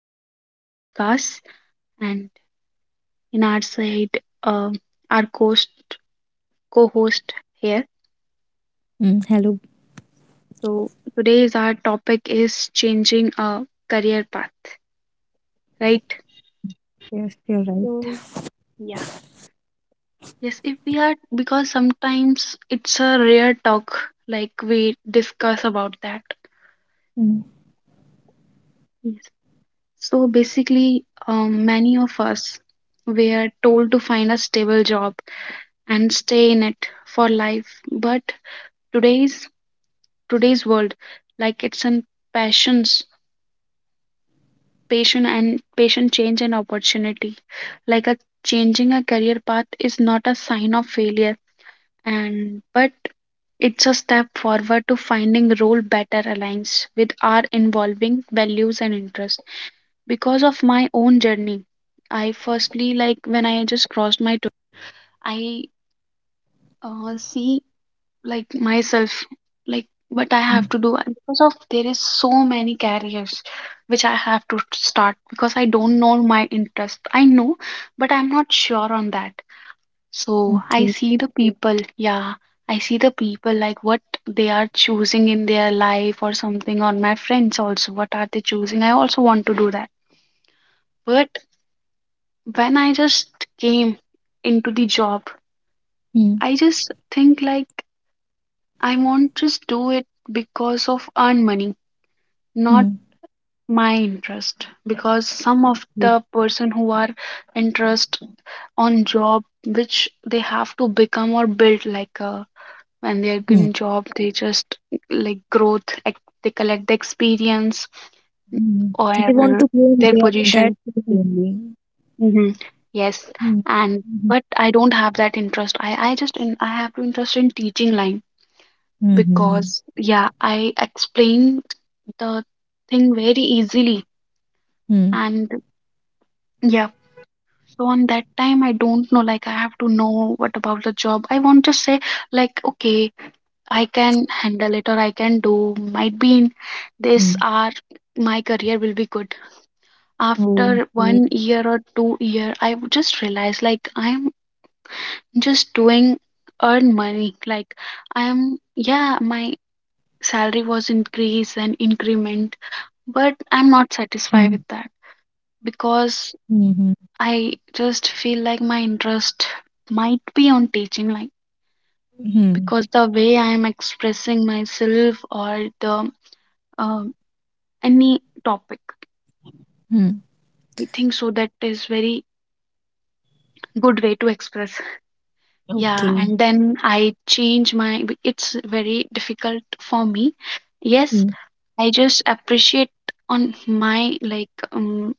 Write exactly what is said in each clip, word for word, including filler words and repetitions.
to our podcast. And in our side, uh, our host, co-host here. Mm, hello. So today's our topic is changing a career path, right? Yes, you're right. So yeah, yes. If we are because sometimes it's a rare talk, like we discuss about that. Mm, Yes. So basically, um, many of us were told to find a stable job and stay in it for life, but today's today's world like it's an passions patient and patient change and opportunity like a changing a career path is not a sign of failure and but it's a step forward to finding role better aligns with our involving values and interests because of my own journey. I firstly like when I just crossed my two, I uh, see like myself, like, but I have mm, to do and because of there is so many careers which I have to start because I don't know my interest. I know, but I'm not sure on that. So I okay. see the people, yeah, I see the people like what they are choosing in their life or something on my friends also. What are they choosing? I also want to do that, but when I just came into the job, mm, I just think like I want just do it because of earn money, not mm, my interest because some of mm. the person who are interest on job which they have to become or build like a when they're in Mm. job they just like growth ex- they collect the experience Mm. They want or to blame their their, that position. kid only. Mm-hmm. Yes, Mm, and mhm, but I don't have that interest. I i just in, I have to interest in teaching line mhm, because, yeah, I explained the thing very easily. mm, And yeah, so on that time, I don't know, like I have to know what about the job. I want to say, like, okay, I can handle it or I can do, might be in this mm. hour my career will be good. After one Okay. year or two year, I would just realize like I'm just doing earn money. Like I'm, yeah, my salary was increased and increment, but I'm Mm, not satisfied with that because mhm, I just feel like my interest might be on teaching, like mm, because the way I am expressing myself or the um any topic, mm. I think so that is very good way to express. Yeah, Okay. and then I change my. b- It's very difficult for me. Yes, Mm, I just appreciate on my like um,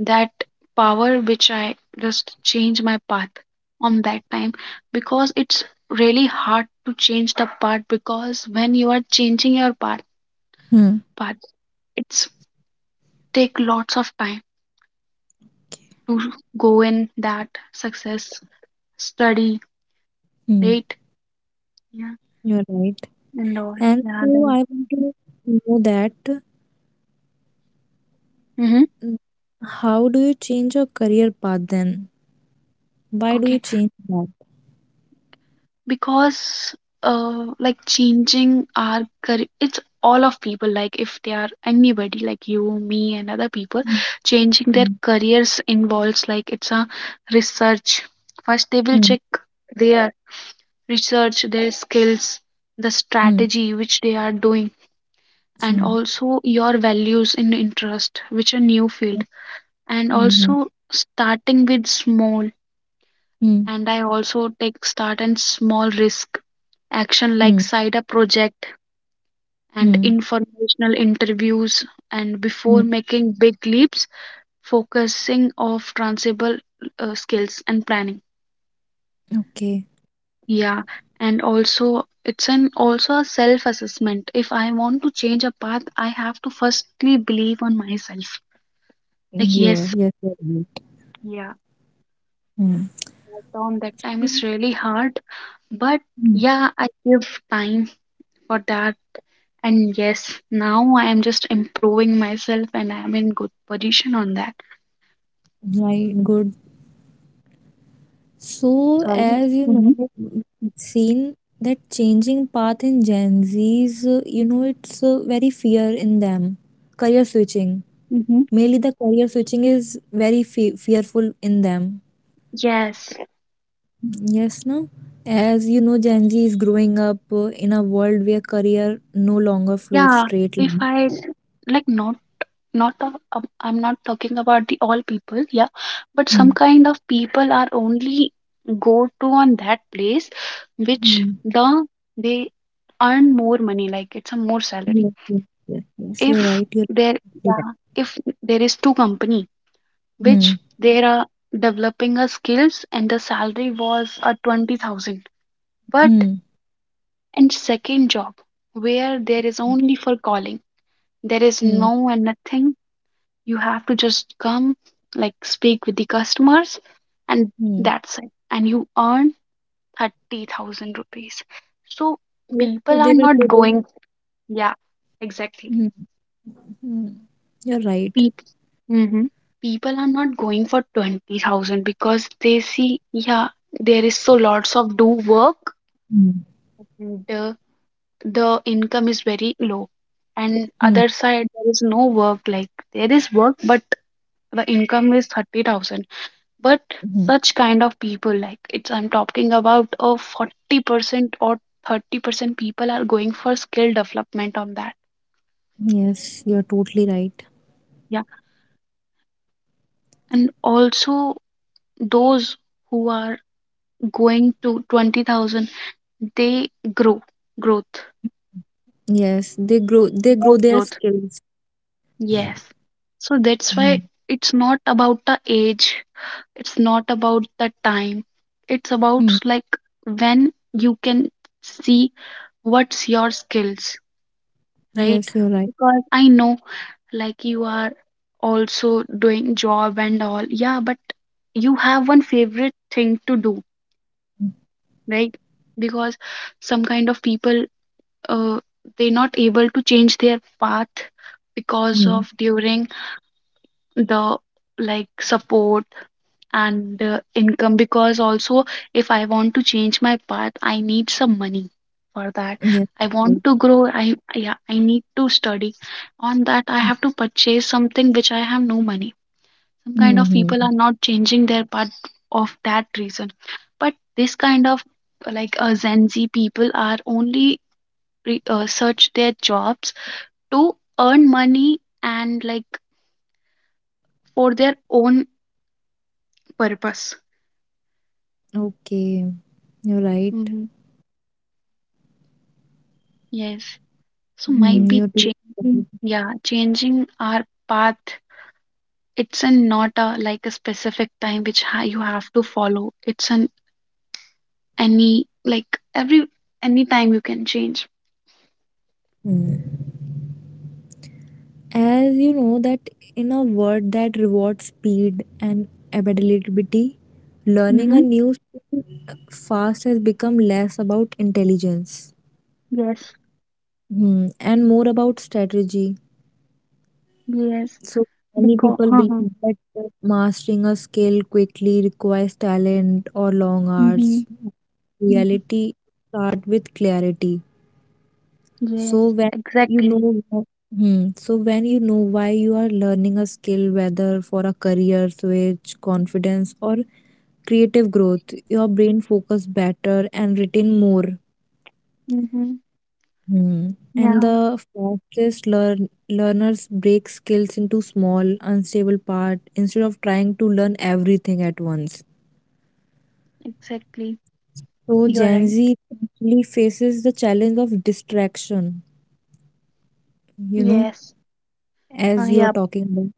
that power which I just change my path on that time because it's really hard to change the path because when you are changing your path, mm, path it's take lots of time to go in that success study mm. rate, yeah, You're right. and all. And Yeah, so then I want to know that mhm, mm, how do you change your career path then? Why do okay, you change that? because uh like changing our career it's all of people like if they are anybody like you, me, and other people Mm, changing their mm, careers involves like it's a research. First they will mm, check their research, their skills, the mm, strategy which they are doing, and mm. also your values and interest which a new field, and Mhm. also starting with small, Hmm. and I also take start and small risk action like Hmm. side up project and Hmm. informational interviews and before Hmm. making big leaps focusing of transferable uh, skills and planning. Okay. Yeah, and also it's an also a self assessment. If I want to change a path, I have to firstly believe on myself, like, You're, yes, you're right. yeah, Mm. tom that time Mm, is really hard, but mm. yeah, I give time for that. And yes, now I am just improving myself and I'm in good position on that. Right, good. So, Sorry. as you know, Mm-hmm. we've seen that changing path in Gen Z's, uh, you know, it's uh, very fear in them. Career switching. Mm-hmm. Mainly the career switching is very fe fearful in them. Yes. Yes, no? As you know, Gen Z is growing up uh, in a world where career no longer flows Yeah. straight. If I like not not a, um, I'm not talking about the all people, yeah, but some kind of people are only go to on that place which Mm. the they earn more money, like it's a more salary. Yes, yes, yes, yes. You're If right. You're there absolutely right. yeah, if there is two company Hmm. which they are developing her skills and the salary was a twenty thousand, but Hmm. in second job where there is only for calling, there is Hmm. no and nothing. You have to just come like speak with the customers, and Hmm. that's it, and you earn thirty thousand rupees, so Yes, people so are they will not play their. going, yeah, exactly. Hmm. Hmm. You're right. People, mm-hmm, people are not going for twenty thousand because they see, yeah, there is so lots of do work, Hmm. and uh, the income is very low. And Hmm. other side, there is no work, like there is work, but the income is thirty thousand. But Hmm. such kind of people, like it's, I'm talking about a forty percent or thirty percent people are going for skill development on that. Yes, you're totally right. Yeah. And also those who are going to twenty thousand, they grow, growth, Yes, they grow. They more grow their growth. skills. Yes. So that's Yeah. why it's not about the age, it's not about the time. It's about Hmm. like when you can see what's your skills, right? Yes, you're right. Because I know like you are also doing job and all. Yeah, but you have one favorite thing to do, right? Because some kind of people uh, they're not able to change their path because Hmm. of during the like support and uh, income. Because also if I want to change my path, I need some money for that. Yes, I you're want right. to grow. I, yeah, I need to study on that. I Hmm, have to purchase something which I have no money. Some kind hmm, of hmm. people are not changing their path of that reason. But this kind of uh, like uh, Gen Z people are only re- uh, search their jobs to earn money and like for their own purpose. Okay, you're right. Mhm. Yes. So might Hmm. be You're totally changing, right. yeah, changing our path. It's a not a like a specific time which ha you have to follow. It's an any like every any time you can change. Hmm. As you know that in a world that rewards speed and availability, learning a Mm-hmm. new skill fast has become less about intelligence, Yes. hmm, and more about strategy. Yes. So many Because. people Uh-huh. believe that mastering a skill quickly requires talent or long hours. Mm-hmm. Mm-hmm. Reality start with clarity. So Yes. when you Exactly. know, wh- hmm, so when you know why you are learning a skill, whether for a career switch, confidence, or creative growth, your brain focus better and retain more. Mm-hmm. Hmm. And Yeah. the fastest learn learners break skills into small, unstable part instead of trying to learn everything at once. Exactly. So You're Gen right. Z actually faces the challenge of distraction, you know, Yes. Uh, as you are yeah. talking about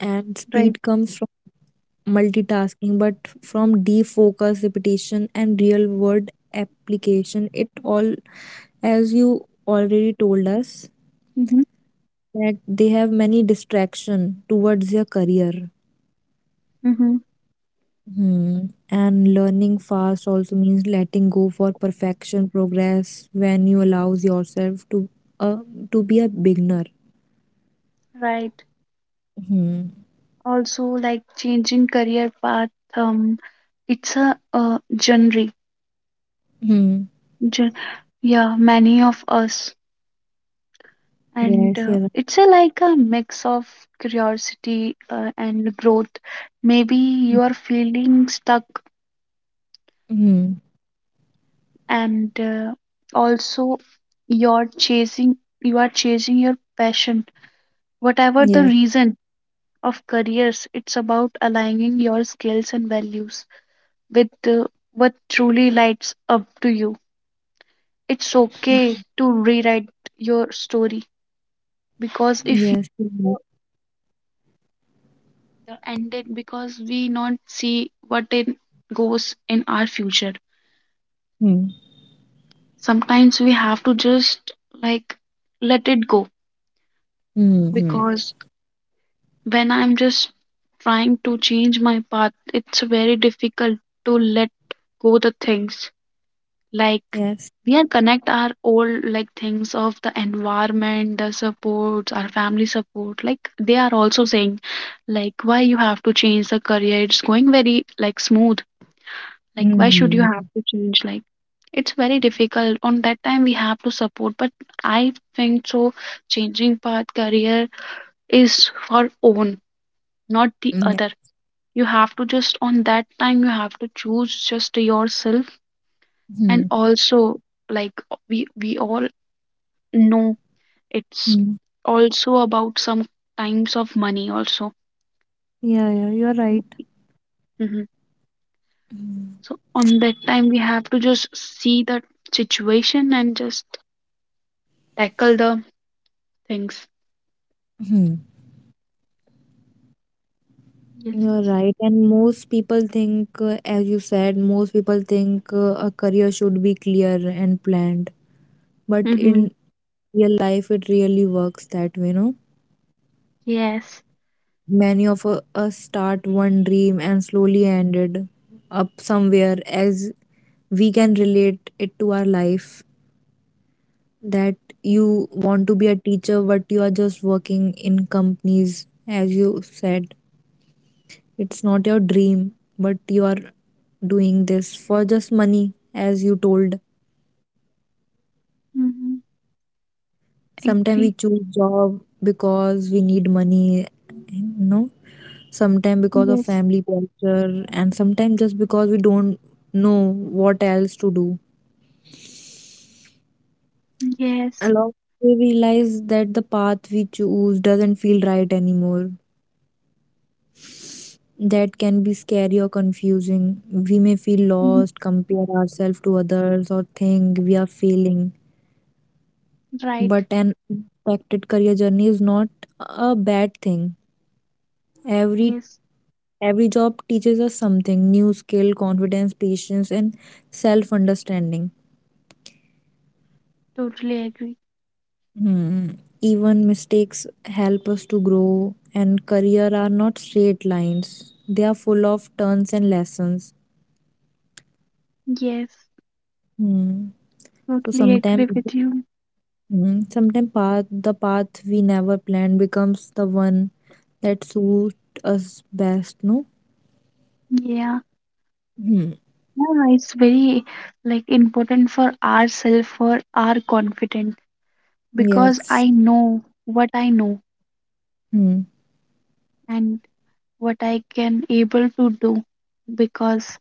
and Right. speed comes multitasking, but from deep focus, repetition, and real world application. It all, as you already told us, that they have many distraction towards their career. Mm-hmm. Hmm. And learning fast also means letting go for perfection, progress when you allows yourself to uh, to be a beginner. Right. Hmm. Also, like changing career path, um, it's a uh, genre. Hmm. Gen- yeah, many of us, and Yes, uh, you're right. it's a like a mix of curiosity uh, and growth. Maybe Hmm. you are feeling stuck, Hmm. and uh, also you're chasing. You are chasing your passion. Whatever the Yes. reason of careers, it's about aligning your skills and values with uh, what truly lights up to you. It's okay Hmm. to rewrite your story because Yes, if you you're right. know the ended because we not see what it goes in our future. Hmm. Sometimes we have to just like let it go Hmm. Hmm. because when I'm just trying to change my path, it's very difficult to let go the things like Yes. we are connect our old like things of the environment, the supports, our family support, like they are also saying like why you have to change the career, it's going very like smooth, like why should you Mm. have to change. Like it's very difficult on that time we have to support, but I think so changing path career is for own, not the Mm, yeah. other. You have to just on that time you have to choose just yourself. And Mhm. also like we we all. No, it's Mm. also about some times of money also. Yeah, yeah, you're right. Hmm. So on that time we have to just see the situation and just tackle the things. Mhm. You're Yes. right, and most people think, uh, as you said, most people think uh, a career should be clear and planned. But Mm-hmm. in real life, it really works that way, no? Yes. Many of u- us start one dream and slowly ended up somewhere, as we can relate it to our life. That you want to be a teacher, but you are just working in companies, as you said. It's not your dream, but you are doing this for just money, as you told. Mm-hmm. Sometimes we Agree. choose job because we need money, you know. Sometimes because of Yes. family pressure, and sometimes just because we don't know what else to do. Yes. Along we realize that the path we choose doesn't feel right anymore. That can be scary or confusing. We may feel Mhm. lost, compare ourselves to others, or think we are failing. But Right. an impacted career journey is not a bad thing. Every Yes. every job teaches us something new skill, confidence, patience, and self understanding. Totally agree. Hmm. Even mistakes help us to grow, and career are not straight lines. They are full of turns and lessons. Yes. Hmm. So Totally sometimes, agree with you. hmm, sometimes path the path we never planned becomes the one that suits us best. No. Yeah. Hmm. Yeah, it's very like important for ourself, for our confidence, because Yes. I know what I know Hmm. and what I can able to do because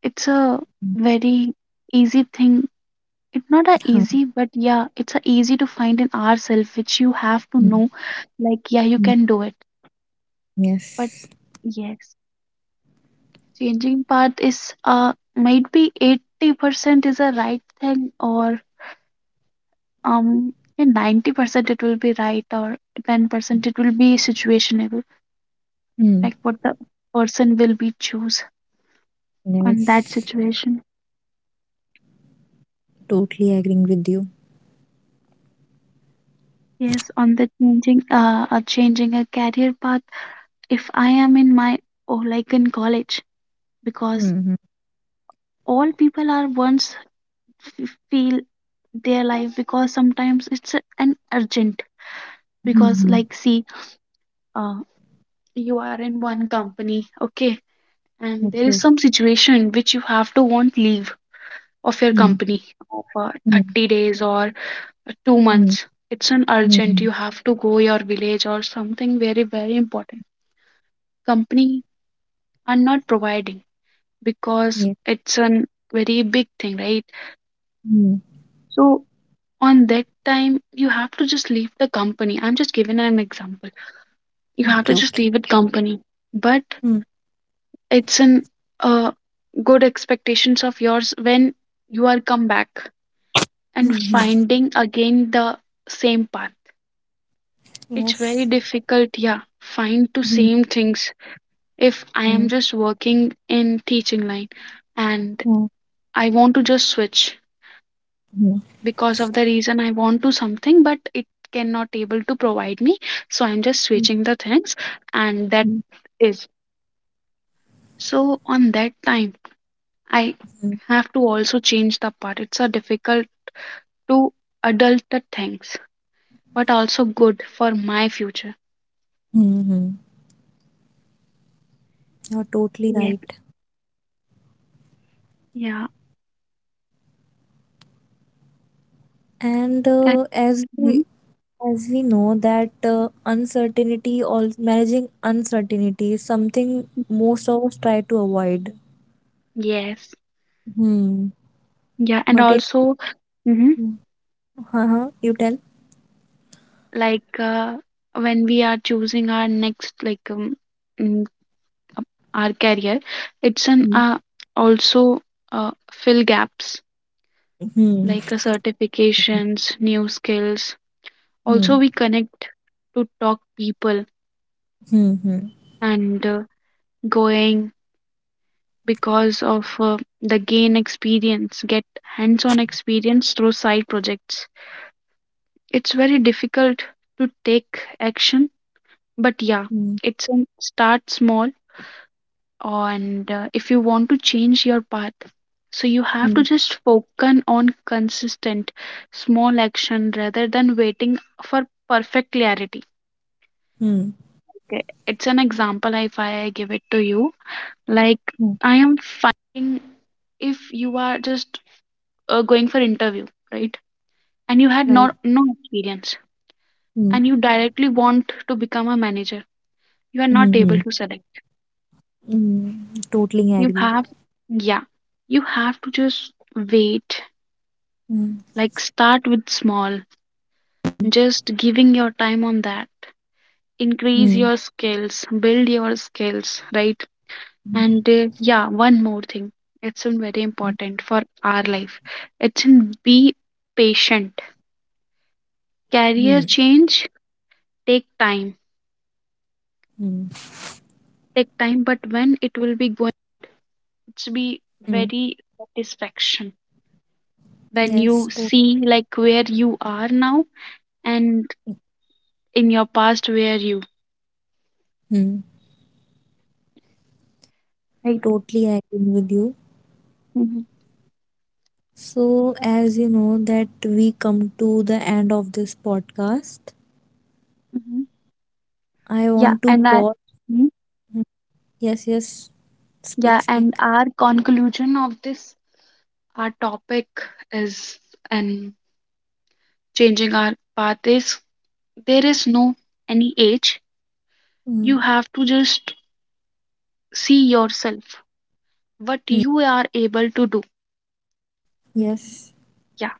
it's a Mm, very easy thing. It's not a huh, easy, but yeah, it's a easy to find in ourself which you have to mm, know. Like, yeah, you mm, can do it. But yes. yes, changing path is uh might be eighty percent is a right thing or um in ninety percent it will be right or ten percent it will be situationable. Mm, Like what the person will be choose on that yes. situation. Totally agreeing with you. Yes, on the changing uh, uh changing a career path, if I am in my or like in college because Mm-hmm. all people are once f- feel their life because sometimes it's a- an urgent because Mm-hmm. like see, uh you are in one company, okay, and there is Okay. some situation which you have to want leave of your Mm, company for mm, thirty days or uh, two mm, months. It's an urgent. mm, You have to go your village or something very very important. Company are not providing because yes. it's a very big thing, right? Mm. So on that time, you have to just leave the company. I'm just giving an example. You have Okay. to just Okay. leave it company, but Mm, it's an uh, good expectations of yours when you are come back and mm-hmm. finding again the same path. It's Yes. very difficult, yeah, find to Mm, same things if I mm, am just working in teaching line and mm, I want to just switch mm, because of the reason I want to something, but it cannot able to provide me. So I'm just mm, switching the things, and that is so. On that time, I mm, have to also change the part. It's a difficult to adult the things, but also good for my future. mm, mm. You're totally Yes, right. yeah, And and uh, as we mhm, as we know that uh, uncertainty or managing uncertainty is something most of us try to avoid. yes, Hmm. yeah, and But in. also mhm, Mm. Uh-huh, you tell. like uh, when we are choosing our next like um, mm, our career, it's an Mm. uh, also uh, fill gaps Hmm. like uh, Hmm. certifications, new skills. Also Hmm. we connect to talk people Hmm. and uh, going because of uh, the gain experience, get hands on experience through side projects. It's very difficult to take action, but yeah, Hmm. it's a start small. And uh, if you want to change your path, so you have to Hmm. just focus on consistent small action rather than waiting for perfect clarity. Hmm. Okay, it's an example if I give it to you, like Hmm. I am feeling if you are just uh, going for interview, right, and you had Right. not no experience Hmm. and you directly want to become a manager, you are Hmm. not able Hmm. to select. Hmm. Totally You agree. have, yeah, you have to just wait. Hmm. Like start with small, Hmm. just giving your time on that. Increase Hmm. your skills, build your skills, right? And uh, yeah, one more thing. It's been very important for our life. It's in be patient. Hmm. Career change take time. Hmm. Take time, but when it will be going, it's be Hmm. very satisfaction. When you Yes. To- see like where you are now and in your past where you, hmm. right. Totally agree with you. Hmm. So, as you know, that we come to the end of this podcast. Hmm. I Yeah, want to and I. pause. Mm-hmm. Hmm. Yes. Yes. Yeah, Speak. and Speak. our conclusion of this, our topic is, and changing our path is there is no any age. Hmm. You have to just see yourself, what Hmm. you are able to do. Yes. Yeah.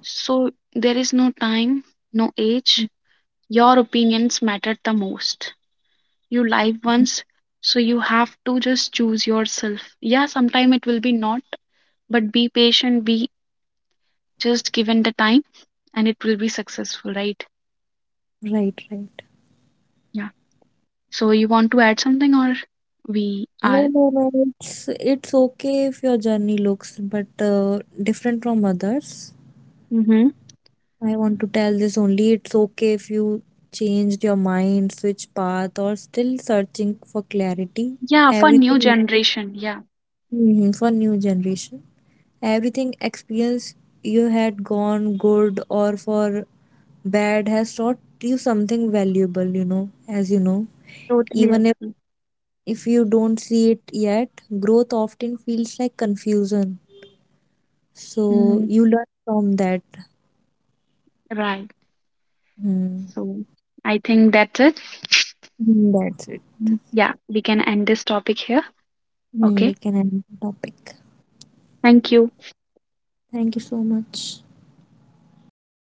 So there is no time, no Hmm. age. Your opinions matter the most. You live once, so you have to just choose yourself. Yeah, sometime it will be not, but be patient, be just given the time and it will be successful, right? Right. Right. Yeah. So you want to add something or we No, are no, no. It's it's okay if your journey looks but uh, different from others. mm-hmm. I want to tell this only. It's okay if you changed your mind, switch path, or still searching for clarity. Yeah, for new Everything. generation, yeah. Mhm, for new generation. Everything experience you had gone good or for bad has taught you something valuable. You know, as you know, Totally even if agree. if you don't see it yet, growth often feels like confusion. So Mm, you learn from that. right. Hmm. So I think that's it. Hmm, that's it. Mm, yeah, we can end this topic here. Hmm, we Okay. can end the topic. Thank you. Thank you so much.